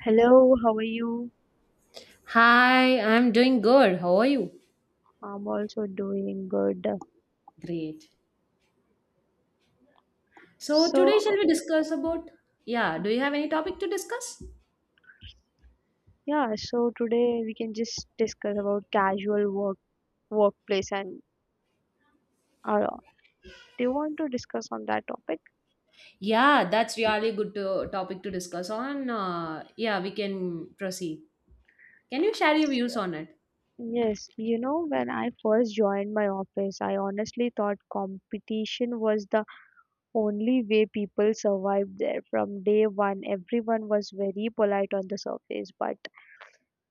Hello, how are you? Hi, I'm doing good. How are you? I'm also doing good. Great. So today shall So, we discuss about yeah, do you have any topic to discuss? yeah, so today we can just discuss about casual work workplace and uh, do you want to discuss on that topic? Yeah, that's really good to, topic to discuss on. Yeah, we can proceed. Can you share your views on it? Yes, you know, when I first joined my office, I honestly thought competition was the only way people survived there. From day one, everyone was very polite on the surface, but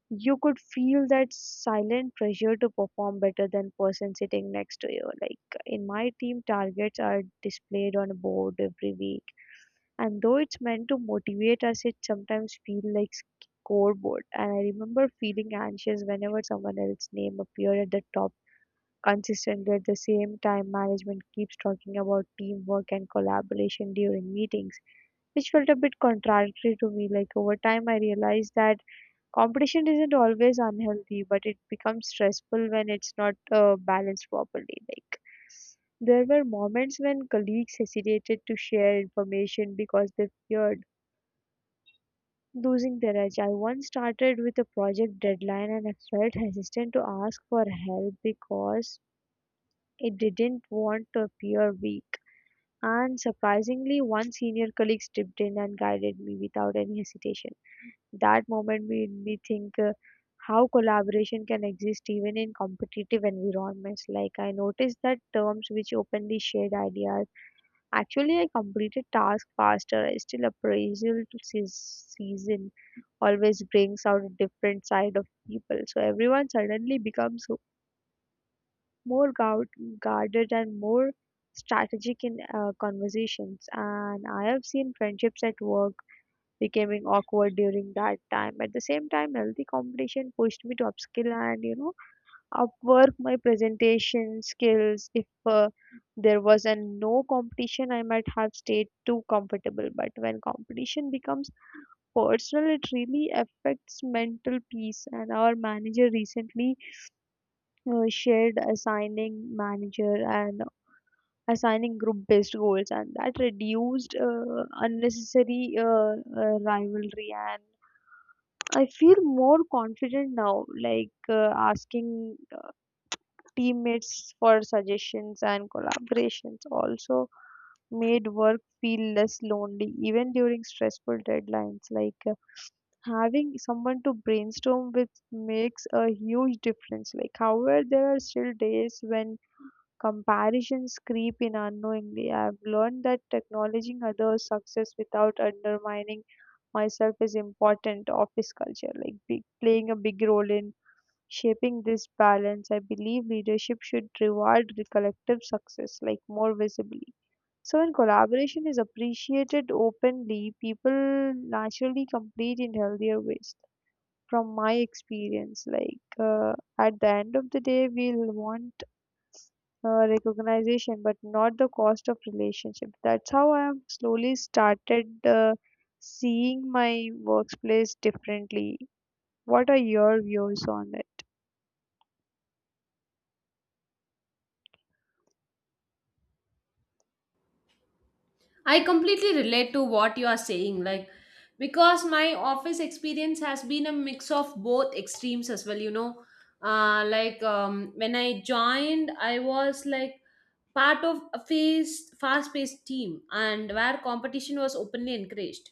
you could feel that silent pressure to perform better than person sitting next to you. Like in my team, targets are displayed on a board every week, and though it's meant to motivate us, it sometimes feels like scoreboard. And I remember feeling anxious whenever someone else's name appeared at the top consistently. At the same time, management keeps talking about teamwork and collaboration during meetings, which felt a bit contradictory to me. Like over time I realized that competition isn't always unhealthy, but it becomes stressful when it's not balanced properly. Like there were moments when colleagues hesitated to share information because they feared losing their edge. I once started with a project deadline and I felt hesitant to ask for help because it didn't want to appear weak. And surprisingly, one senior colleague stepped in and guided me without any hesitation. That moment made me think how collaboration can exist even in competitive environments. Like I noticed that terms which openly shared ideas. Actually, I completed tasks faster. I still appraisal to season always brings out a different side of people. So everyone suddenly becomes more guard, guarded and more strategic in conversations. And I have seen friendships at work becoming awkward during that time. At the same time, healthy competition pushed me to upskill and, you know, upwork my presentation skills. If there was a no competition, I might have stayed too comfortable. But when competition becomes personal, it really affects mental peace. And our manager recently shared assigning manager and assigning group based goals, and that reduced unnecessary rivalry. And I feel more confident now, like asking teammates for suggestions and collaborations also made work feel less lonely, even during stressful deadlines. Like having someone to brainstorm with makes a huge difference. Like, however, there are still days when comparisons creep in unknowingly. I've learned that acknowledging others' success without undermining myself is important. Office culture, like big, playing a big role in shaping this balance. I believe leadership should reward the collective success, like more visibly. So when collaboration is appreciated openly, people naturally complete in healthier ways. From my experience, like, at the end of the day, we'll want recognition but not the cost of relationship. That's how I am slowly started seeing my workplace differently. What are your views on it? I completely relate to what you are saying, like because my office experience has been a mix of both extremes as well, you know. When I joined, I was like part of a fast-paced team and where competition was openly encouraged.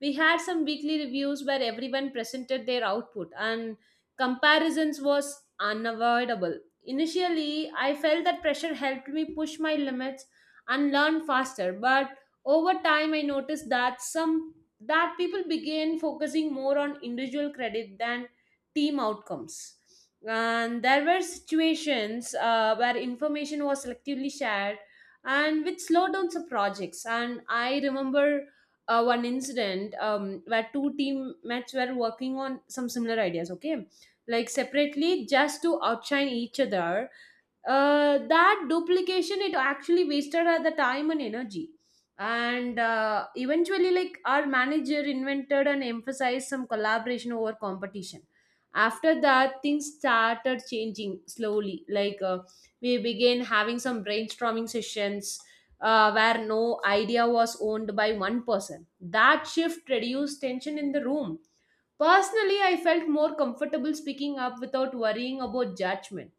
We had some weekly reviews where everyone presented their output and comparisons was unavoidable. Initially, I felt that pressure helped me push my limits and learn faster, but over time I noticed that some that people began focusing more on individual credit than team outcomes. And there were situations where information was selectively shared and which slowed down some projects. And I remember one incident where two teammates were working on some similar ideas, okay? Like separately, just to outshine each other. That duplication, it actually wasted her the time and energy, and eventually like our manager invented and emphasized some collaboration over competition. After that, things started changing slowly. We began having some brainstorming sessions where no idea was owned by one person. That shift reduced tension in the room. Personally, I felt more comfortable speaking up without worrying about judgment.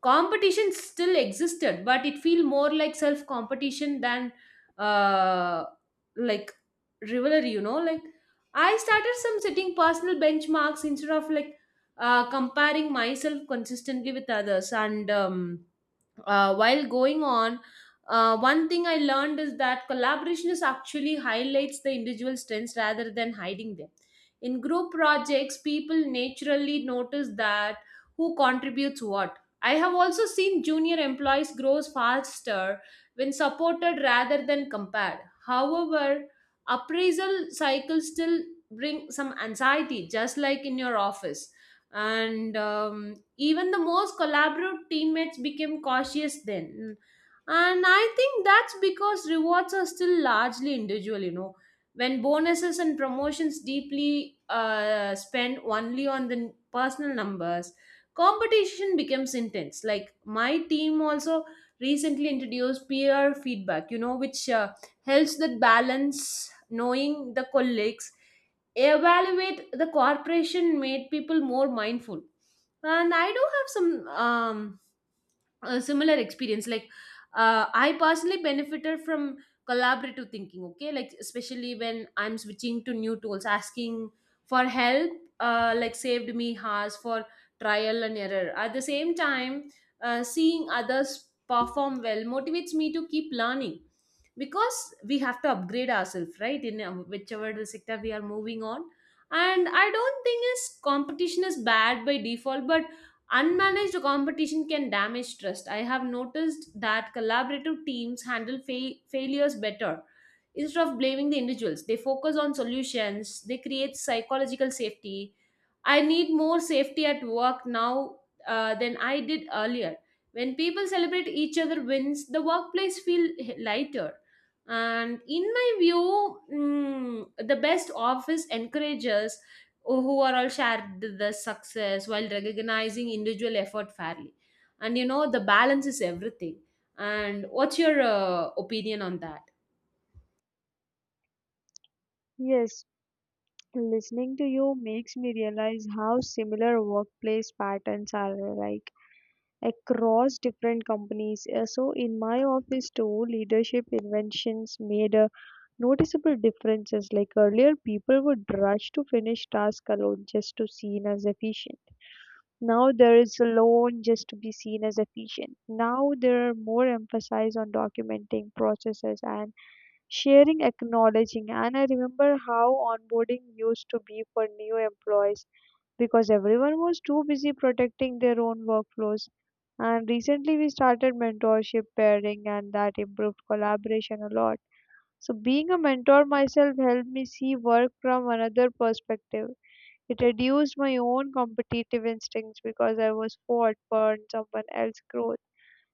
Competition still existed, but it felt more like self competition than uh, like rivalry, you know. Like, I started some setting personal benchmarks instead of comparing myself consistently with others, and while going on, one thing I learned is that collaboration is actually highlights the individual strengths rather than hiding them. In group projects, people naturally notice that who contributes what. I have also seen junior employees grow faster when supported rather than compared. However, appraisal cycles still bring some anxiety, just like in your office. And even the most collaborative teammates became cautious then. And I think that's because rewards are still largely individual, you know. When bonuses and promotions deeply spend only on the personal numbers, competition becomes intense. Like my team also recently introduced peer feedback, you know, which helps that balance. Knowing the colleagues evaluate the corporation made people more mindful, and I do have some a similar experience. Like, I personally benefited from collaborative thinking, okay? Like, especially when I'm switching to new tools, asking for help, like, saved me hours for trial and error. At the same time, seeing others perform well motivates me to keep learning because we have to upgrade ourselves, right? In whichever the sector we are moving on. And I don't think is competition is bad by default, but unmanaged competition can damage trust. I have noticed that collaborative teams handle failures better. Instead of blaming the individuals, they focus on solutions. They create psychological safety. I need more safety at work now than I did earlier. When people celebrate each other wins, the workplace feel lighter. And in my view, the best office encourages who are all shared the success while recognizing individual effort fairly. And you know, the balance is everything. And what's your opinion on that? Yes, listening to you makes me realize how similar workplace patterns are like across different companies. So, in my office too, leadership inventions made a noticeable differences. Like earlier, people would rush to finish tasks alone just to seen as efficient. Now there is a loan just to be seen as efficient. Now there are more emphasis on documenting processes and sharing, acknowledging. And I remember how onboarding used to be for new employees because everyone was too busy protecting their own workflows. And recently we started mentorship pairing, and that improved collaboration a lot. So being a mentor myself helped me see work from another perspective. It reduced my own competitive instincts because I was fought for someone else's growth.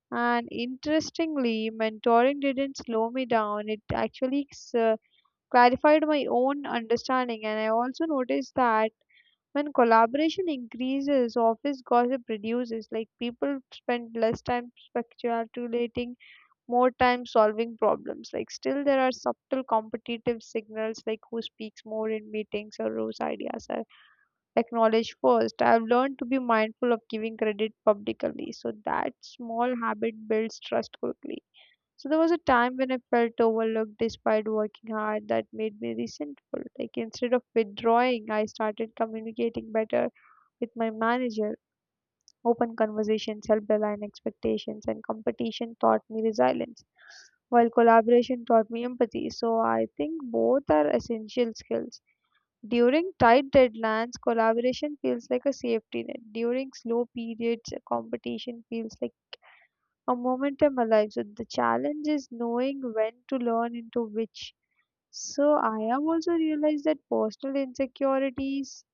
And interestingly, mentoring didn't slow me down. It actually clarified my own understanding. And I also noticed that when collaboration increases, office gossip reduces. Like people spend less time speculating, more time solving problems. Like still, there are subtle competitive signals, like who speaks more in meetings or whose ideas are acknowledge first. I've learned to be mindful of giving credit publicly, so that small habit builds trust quickly. So there was a time when I felt overlooked despite working hard that made me resentful. Like instead of withdrawing, I started communicating better with my manager. Open conversations helped align expectations, and competition taught me resilience, while collaboration taught me empathy. So I think both are essential skills. During tight deadlines, collaboration feels like a safety net. During slow periods, competition feels like a momentum alive. So the challenge is knowing when to learn into which. So I have also realized that personal insecurities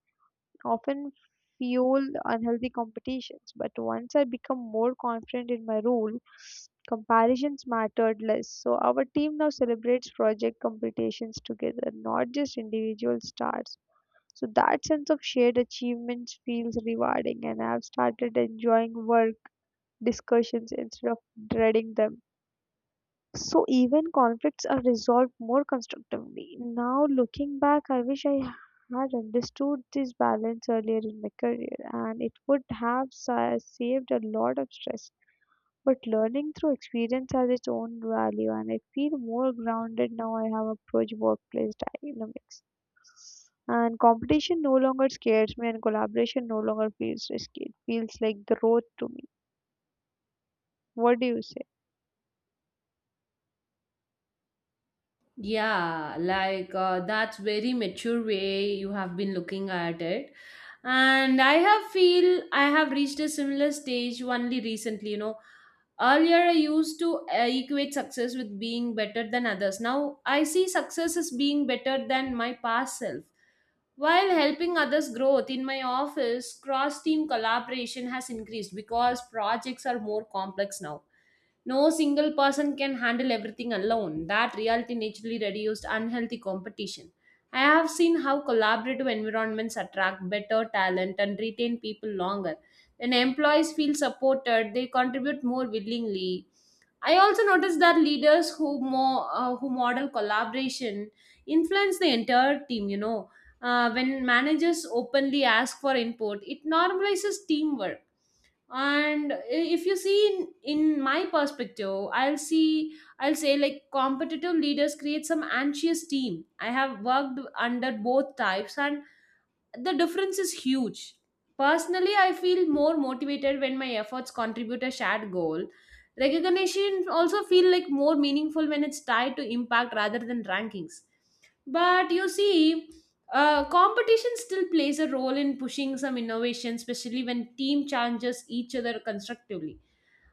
often fuel unhealthy competitions. But once I become more confident in my role, comparisons mattered less. So our team now celebrates project competitions together, not just individual stars. So that sense of shared achievements feels rewarding, and I've started enjoying work discussions instead of dreading them. So even conflicts are resolved more constructively. Now looking back, I wish I had understood this balance earlier in my career, and it would have saved a lot of stress. But learning through experience has its own value, and I feel more grounded now I have approached workplace dynamics. And competition no longer scares me, and collaboration no longer feels risky. It feels like the road to me. What do you say? Yeah, that's very mature way you have been looking at it. And I have feel I have reached a similar stage only recently, you know. Earlier I used to equate success with being better than others. Now I see success as being better than my past self. While helping others growth in my office, cross team collaboration has increased because projects are more complex now. No single person can handle everything alone. That reality naturally reduced unhealthy competition. I have seen how collaborative environments attract better talent and retain people longer. When employees feel supported, they contribute more willingly. I also noticed that leaders who more who model collaboration influence the entire team. You know, when managers openly ask for input, it normalizes teamwork. And if you see, in my perspective, I'll say like competitive leaders create some anxious team. I have worked under both types and the difference is huge. Personally, I feel more motivated when my efforts contribute a shared goal. Recognition also feel like more meaningful when it's tied to impact rather than rankings. But you see, competition still plays a role in pushing some innovation, especially when team challenges each other constructively.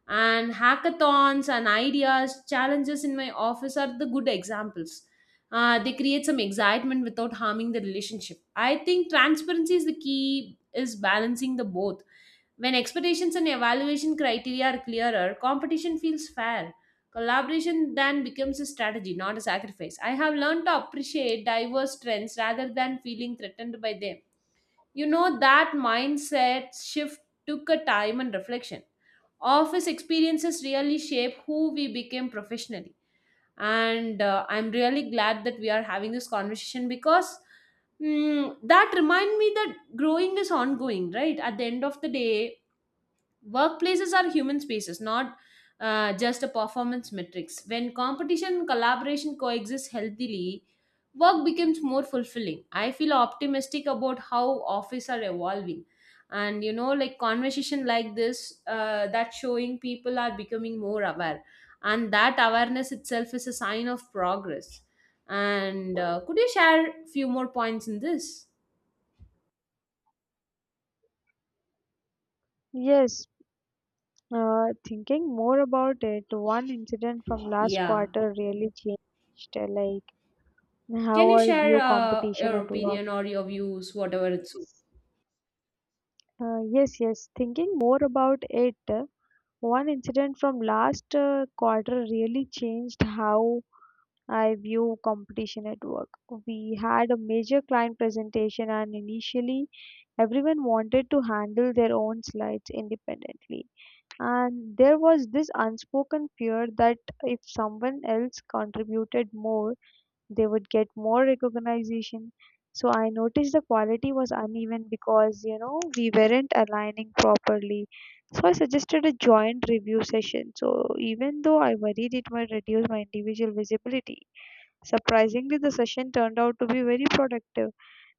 And hackathons and ideas, challenges in my office are the good examples. They create some excitement without harming the relationship. I think transparency is the key is balancing the both. When expectations and evaluation criteria are clearer, competition feels fair. Collaboration then becomes a strategy, not a sacrifice. I have learned to appreciate diverse trends rather than feeling threatened by them. You know, that mindset shift took a time and reflection. Office experiences really shape who we became professionally. And I'm really glad that we are having this conversation because that remind me that growing is ongoing, right? At the end of the day, workplaces are human spaces, not just a performance metrics. When competition and collaboration coexist healthily, work becomes more fulfilling. I feel optimistic about how office are evolving. And you know, like conversation like this, that showing people are becoming more aware, and that awareness itself is a sign of progress. And could you share few more points in this? Yes, Thinking more about it, one incident from last Yeah. quarter really changed like Can how you I share view competition your at work. opinion or your views, whatever it's Yes, Thinking more about it, one incident from last quarter really changed how I view competition at work. We had a major client presentation, and initially everyone wanted to handle their own slides independently, and there was this unspoken fear that if someone else contributed more, they would get more recognition. So I noticed the quality was uneven because, you know, we weren't aligning properly. So I suggested a joint review session. So even though I worried it might reduce my individual visibility, surprisingly the session turned out to be very productive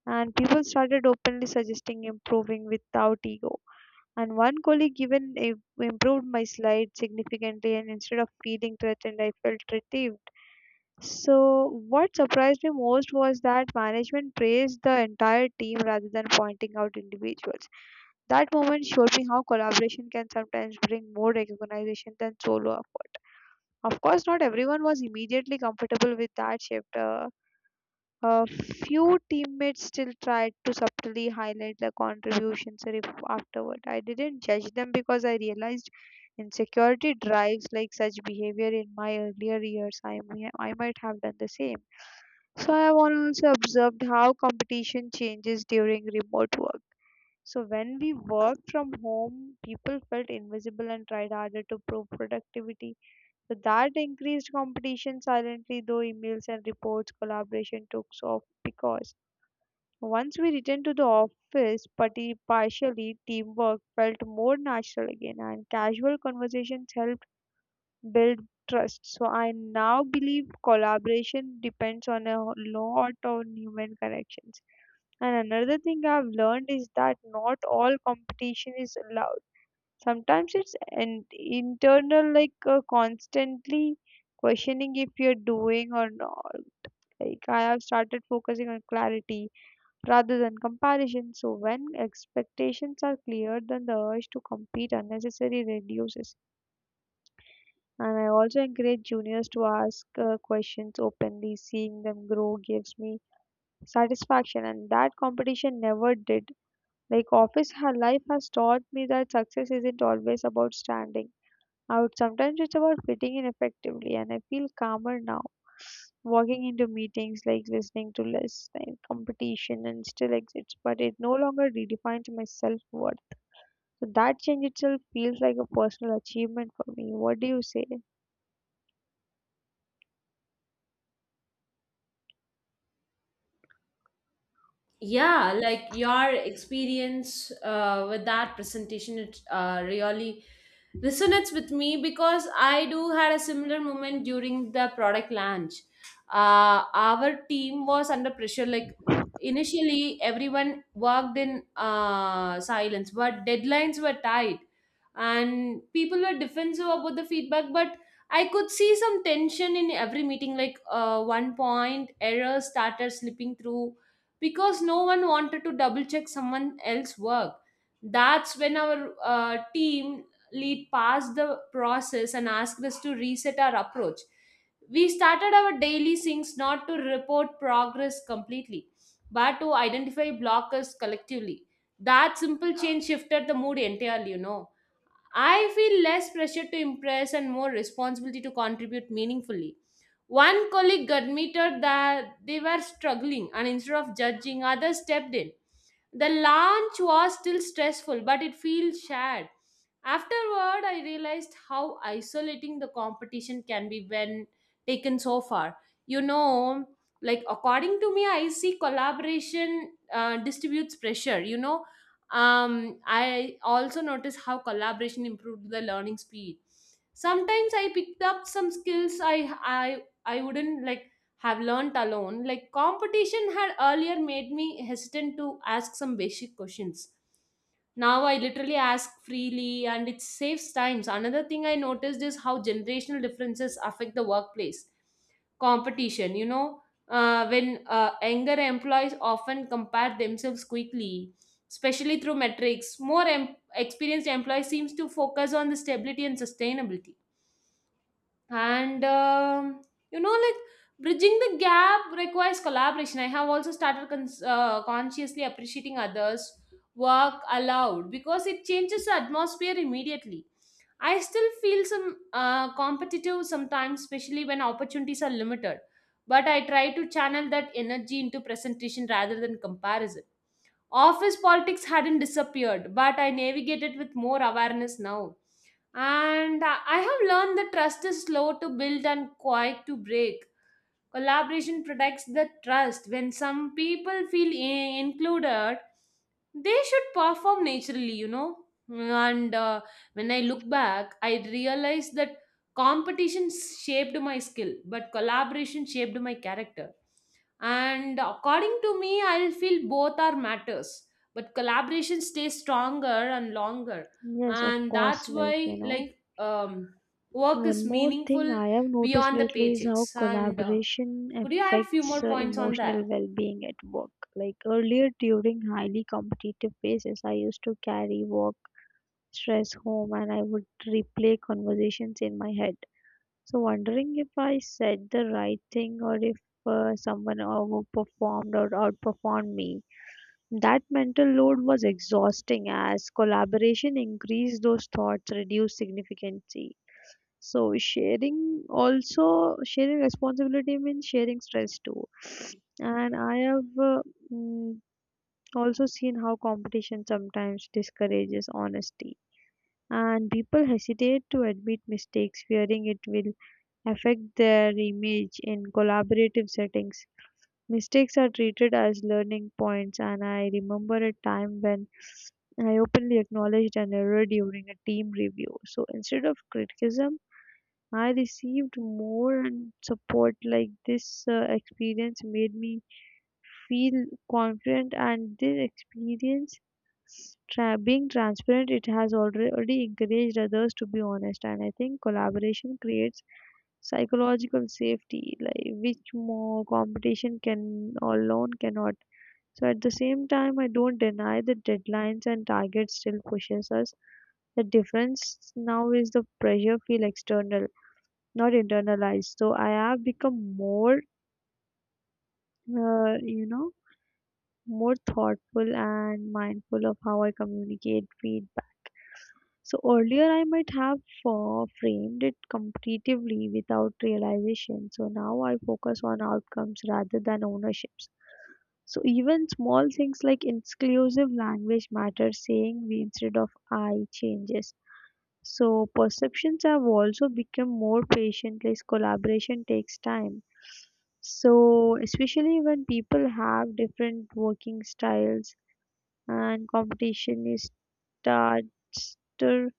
and people started openly suggesting improving without ego. And one colleague even improved my slide significantly, and instead of feeling threatened, I felt relieved. So, what surprised me most was that management praised the entire team rather than pointing out individuals. That moment showed me how collaboration can sometimes bring more recognition than solo effort. Of course, not everyone was immediately comfortable with that shift. A few teammates still tried to subtly highlight their contributions afterward. I didn't judge them because I realized insecurity drives like such behavior. In my earlier years, I might have done the same. So I have also observed how competition changes during remote work. So when we worked from home, people felt invisible and tried harder to prove productivity. So that increased competition silently, though emails and reports collaboration took off because once we returned to the office, party partially teamwork felt more natural again, and casual conversations helped build trust. So I now believe collaboration depends on a lot on human connections. And another thing I've learned is that not all competition is allowed. Sometimes it's an internal, like constantly questioning if you're doing or not. Like I have started focusing on clarity rather than comparison. So, when expectations are clear, then the urge to compete unnecessarily reduces. And I also encourage juniors to ask questions openly. Seeing them grow gives me satisfaction, and that competition never did. Like office life has taught me that success isn't always about standing out. Sometimes it's about fitting in effectively, and I feel calmer now. Walking into meetings, like listening to less than competition, and still exists, but it no longer redefines my self worth. So that change itself feels like a personal achievement for me. What do you say? yeah, like your experience with that presentation, it really resonates with me because I do had a similar moment during the product launch. Our team was under pressure. Like initially everyone worked in silence, but deadlines were tight and people were defensive about the feedback. But I could see some tension in every meeting. Like one point errors started slipping through because no one wanted to double check someone else's work. That's when our team lead passed the process and asked us to reset our approach. We started our daily syncs not to report progress completely, but to identify blockers collectively. That simple change shifted the mood entirely, you know. I feel less pressure to impress and more responsibility to contribute meaningfully. One colleague admitted that they were struggling, and instead of judging, others stepped in. The launch was still stressful, but it feels shared. Afterward, I realized how isolating the competition can be when taken so far. You know, like according to me, I see collaboration distributes pressure. You know, I also noticed how collaboration improved the learning speed. Sometimes I picked up some skills I wouldn't like have learned alone. Like competition had earlier made me hesitant to ask some basic questions. Now I literally ask freely and it saves times. Another thing I noticed is how generational differences affect the workplace competition, you know. When younger employees often compare themselves quickly, especially through metrics. More experienced employees seems to focus on the stability and sustainability. And you know, like bridging the gap requires collaboration. I have also started consciously appreciating others' work aloud because it changes the atmosphere immediately. I still feel some competitive sometimes, especially when opportunities are limited. But I try to channel that energy into presentation rather than comparison. Office politics hadn't disappeared, but I navigate it with more awareness now. And I have learned that trust is slow to build and quick to break. Collaboration protects the trust. When some people feel included, they should perform naturally, you know. And when I look back, I realize that competition shaped my skill, but collaboration shaped my character. And according to me, I feel both are matters, but collaboration stays stronger and longer. Yes, of And course. that's why, like, work is One more thing meaningful I have noticed beyond the lately is how paychecks. And collaboration could you add few more affects points on that? emotional well being at work. Like earlier during highly competitive phases, I used to carry work stress home and I would replay conversations in my head. So, wondering if I said the right thing or if someone overperformed or outperformed me. That mental load was exhausting as collaboration increased those thoughts, reduced significantly. So, sharing responsibility means sharing stress too. And I have mm, also seen how competition sometimes discourages honesty and people hesitate to admit mistakes, fearing it will affect their image. In collaborative settings, mistakes are treated as learning points, and I remember a time when I openly acknowledged an error during a team review. So instead of criticism, I received more and support. Like this experience made me feel confident. And their experience being transparent, it has already encouraged others to be honest. And I think collaboration creates psychological safety, like which more competition can alone cannot. So at the same time, I don't deny that deadlines and targets still pushes us. The difference now is the pressure feel external, not internalized. So I have become more you know, more thoughtful and mindful of how I communicate feedback. So earlier I might have framed it competitively without realization. So now I focus on outcomes rather than ownerships. So even small things like inclusive language matter, saying we instead of I changes. So perceptions have also become more patient as collaboration takes time. So especially when people have different working styles and competition is starter,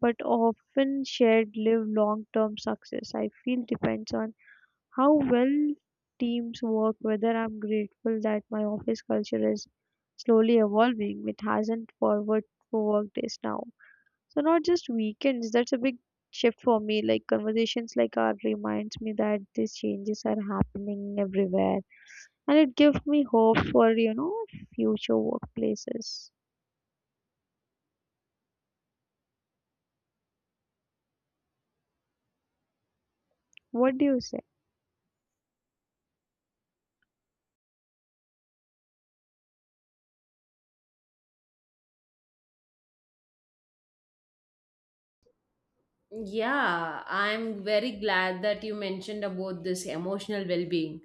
but often shared live long term success, I feel, depends on how well teams work. Whether I'm grateful that my office culture is slowly evolving, it hasn't forward for work days now. So not just weekends. That's a big shift for me. Like conversations like our reminds me that these changes are happening everywhere, and it gives me hope for, you know, future workplaces. What do you say? Yeah, I'm very glad that you mentioned about this emotional well-being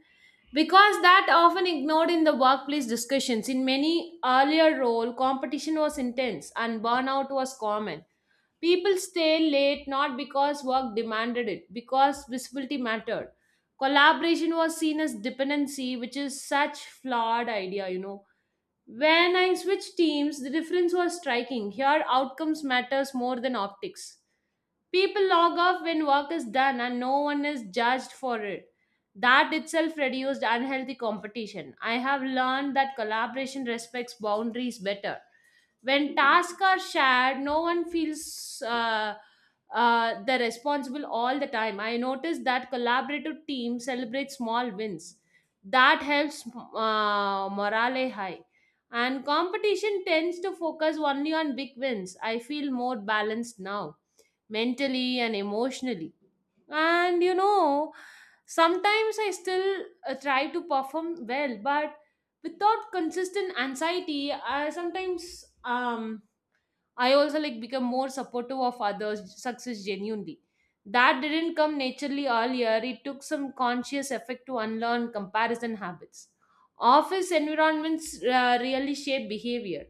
because that often ignored in the workplace discussions. In many earlier role, competition was intense and burnout was common. People stay late not because work demanded it, because visibility mattered. Collaboration was seen as dependency, which is such flawed idea, you know. When I switched teams, the difference was striking. Here outcomes matters more than optics. People log off when work is done and no one is judged for it. That itself reduced unhealthy competition. I have learned that collaboration respects boundaries better. When tasks are shared, no one feels the responsible all the time. I noticed that collaborative teams celebrate small wins. That helps morale high. And competition tends to focus only on big wins. I feel more balanced now mentally and emotionally. And you know, sometimes I still try to perform well, but without consistent anxiety, I sometimes I also like become more supportive of others' success genuinely. That didn't come naturally earlier. It took some conscious effort to unlearn comparison habits. Office environments really shape behavior.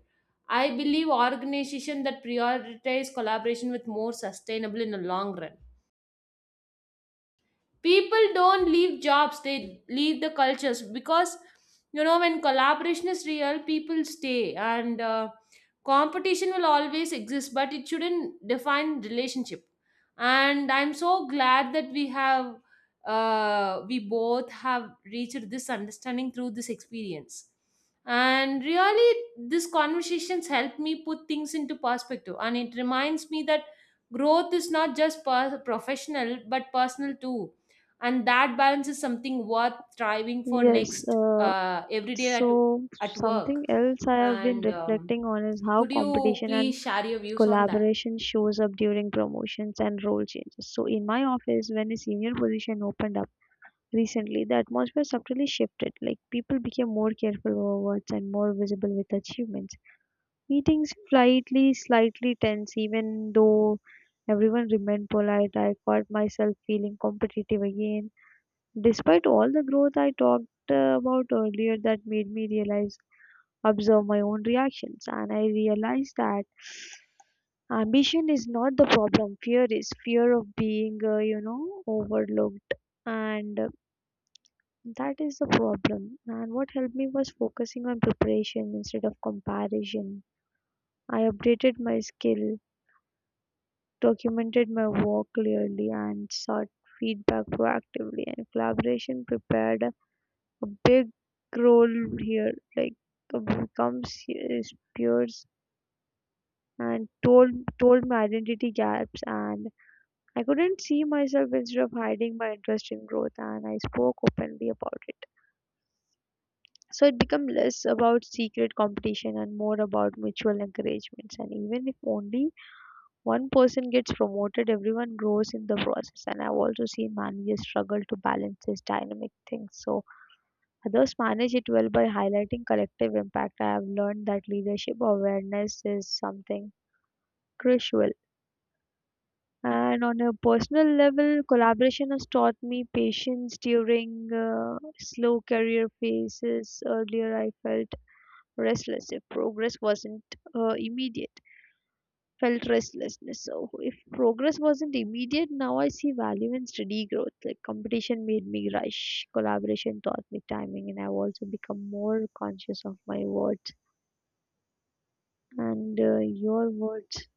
I believe organizations that prioritize collaboration with more sustainable in the long run, people don't leave jobs, they leave the cultures because you know when collaboration is real people stay, and competition will always exist but it shouldn't define relationship. And I'm so glad that we have we both have reached this understanding through this experience, and really these conversations help me put things into perspective and it reminds me that growth is not just professional but personal too, and that balance is something worth striving for Yes, next uh, every day so at something work. else I have been And reflecting on is how could you competition and please share your views on that? collaboration shows up during promotions and role changes. So in my office, when a senior position opened up recently, the atmosphere subtly shifted. Like people became more careful over words and more visible with achievements. Meetings slightly tense, even though everyone remained polite. I caught myself feeling competitive again despite all the growth I talked about earlier. That made me realize, observe my own reactions, and I realized that ambition is not the problem. Fear is. Fear of being, you know, overlooked, and that is the problem. And what helped me was focusing on preparation instead of comparison. I updated my skill, documented my work clearly, and sought feedback proactively. And collaboration prepared a big role here. Like uh, comes his peers and told my identity gaps and I couldn't see myself. Instead of hiding my interest in growth, and I spoke openly about it. So it became less about secret competition and more about mutual encouragements. And even if only one person gets promoted, everyone grows in the process. And I've also seen managers struggle to balance this dynamic thing. So others manage it well by highlighting collective impact. I have learned that leadership awareness is something crucial. And on a personal level, collaboration has taught me patience during slow career phases. Earlier, I felt restless if progress wasn't immediate. Felt restlessness. So, if progress wasn't immediate, now I see value in steady growth. Like competition made me rush, collaboration taught me timing, and I've also become more conscious of my words. And your words,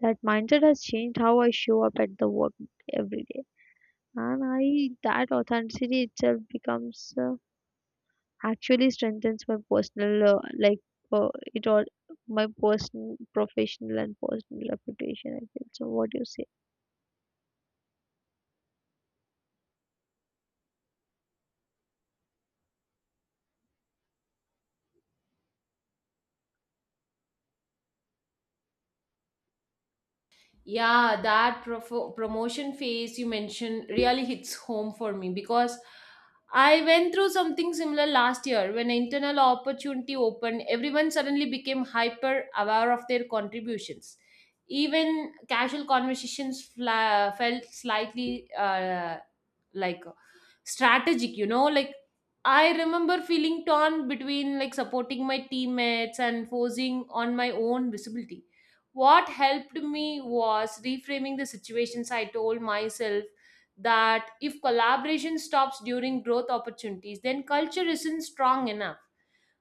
that mindset has changed how I show up at the work every day. That authenticity itself becomes actually strengthens my personal, like uh, it all, my personal, professional, and personal reputation. I feel so. What do you say? Yeah, that promotion phase you mentioned really hits home for me because I went through something similar last year. When an internal opportunity opened, everyone suddenly became hyper aware of their contributions. Even casual conversations felt slightly like strategic, you know, like I remember feeling torn between like supporting my teammates and forcing on my own visibility. What helped me was reframing the situations. I told myself that if collaboration stops during growth opportunities, then culture isn't strong enough.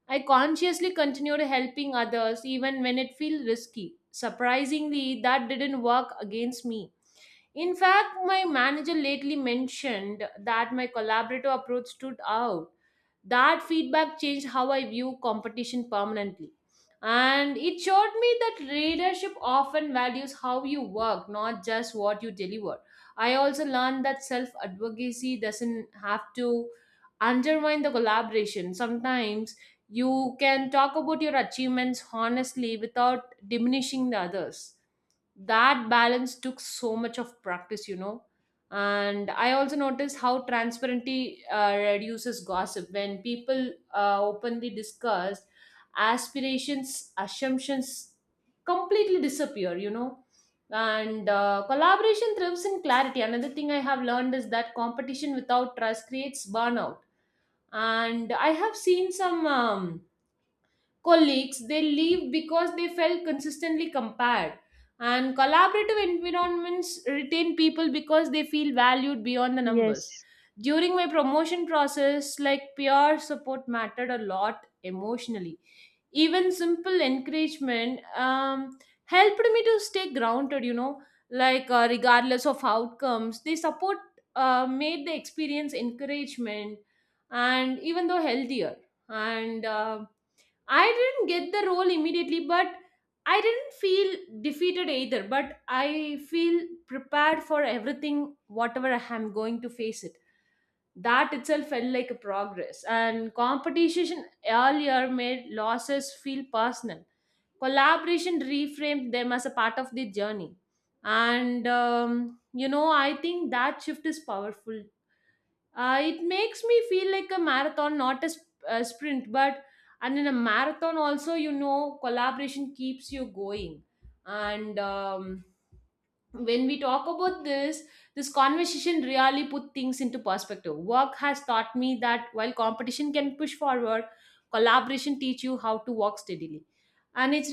I consciously continued helping others even when it felt risky. Surprisingly, that didn't work against me. In fact, my manager lately mentioned that my collaborative approach stood out. That feedback changed how I view competition permanently. And it showed me that leadership often values how you work, not just what you deliver. I also learned that self advocacy doesn't have to undermine the collaboration. Sometimes you can talk about your achievements honestly without diminishing the others. That balance took so much of practice, you know. And I also noticed how transparency reduces gossip. When people openly discuss aspirations, assumptions completely disappear, you know. And collaboration thrives in clarity. Another thing I have learned is that competition without trust creates burnout, and I have seen some colleagues they leave because they felt consistently compared, and collaborative environments retain people because they feel valued beyond the numbers. Yes. During my promotion process, like, peer support mattered a lot emotionally. Even simple encouragement helped me to stay grounded, you know. Like regardless of outcomes, they support made the experience encouragement and even though healthier. And I didn't get the role immediately, but I didn't feel defeated either. But I feel prepared for everything, whatever I am going to face it. That itself felt like a progress. And competition earlier made losses feel personal. Collaboration reframed them as a part of the journey. And, you know, I think that shift is powerful. Uh, it makes me feel like a marathon, not a, a sprint. But and in a marathon, also, you know, collaboration keeps you going. And when we talk about this, this conversation really put things into perspective. Work has taught me that while competition can push forward, collaboration teach you how to walk steadily. And it's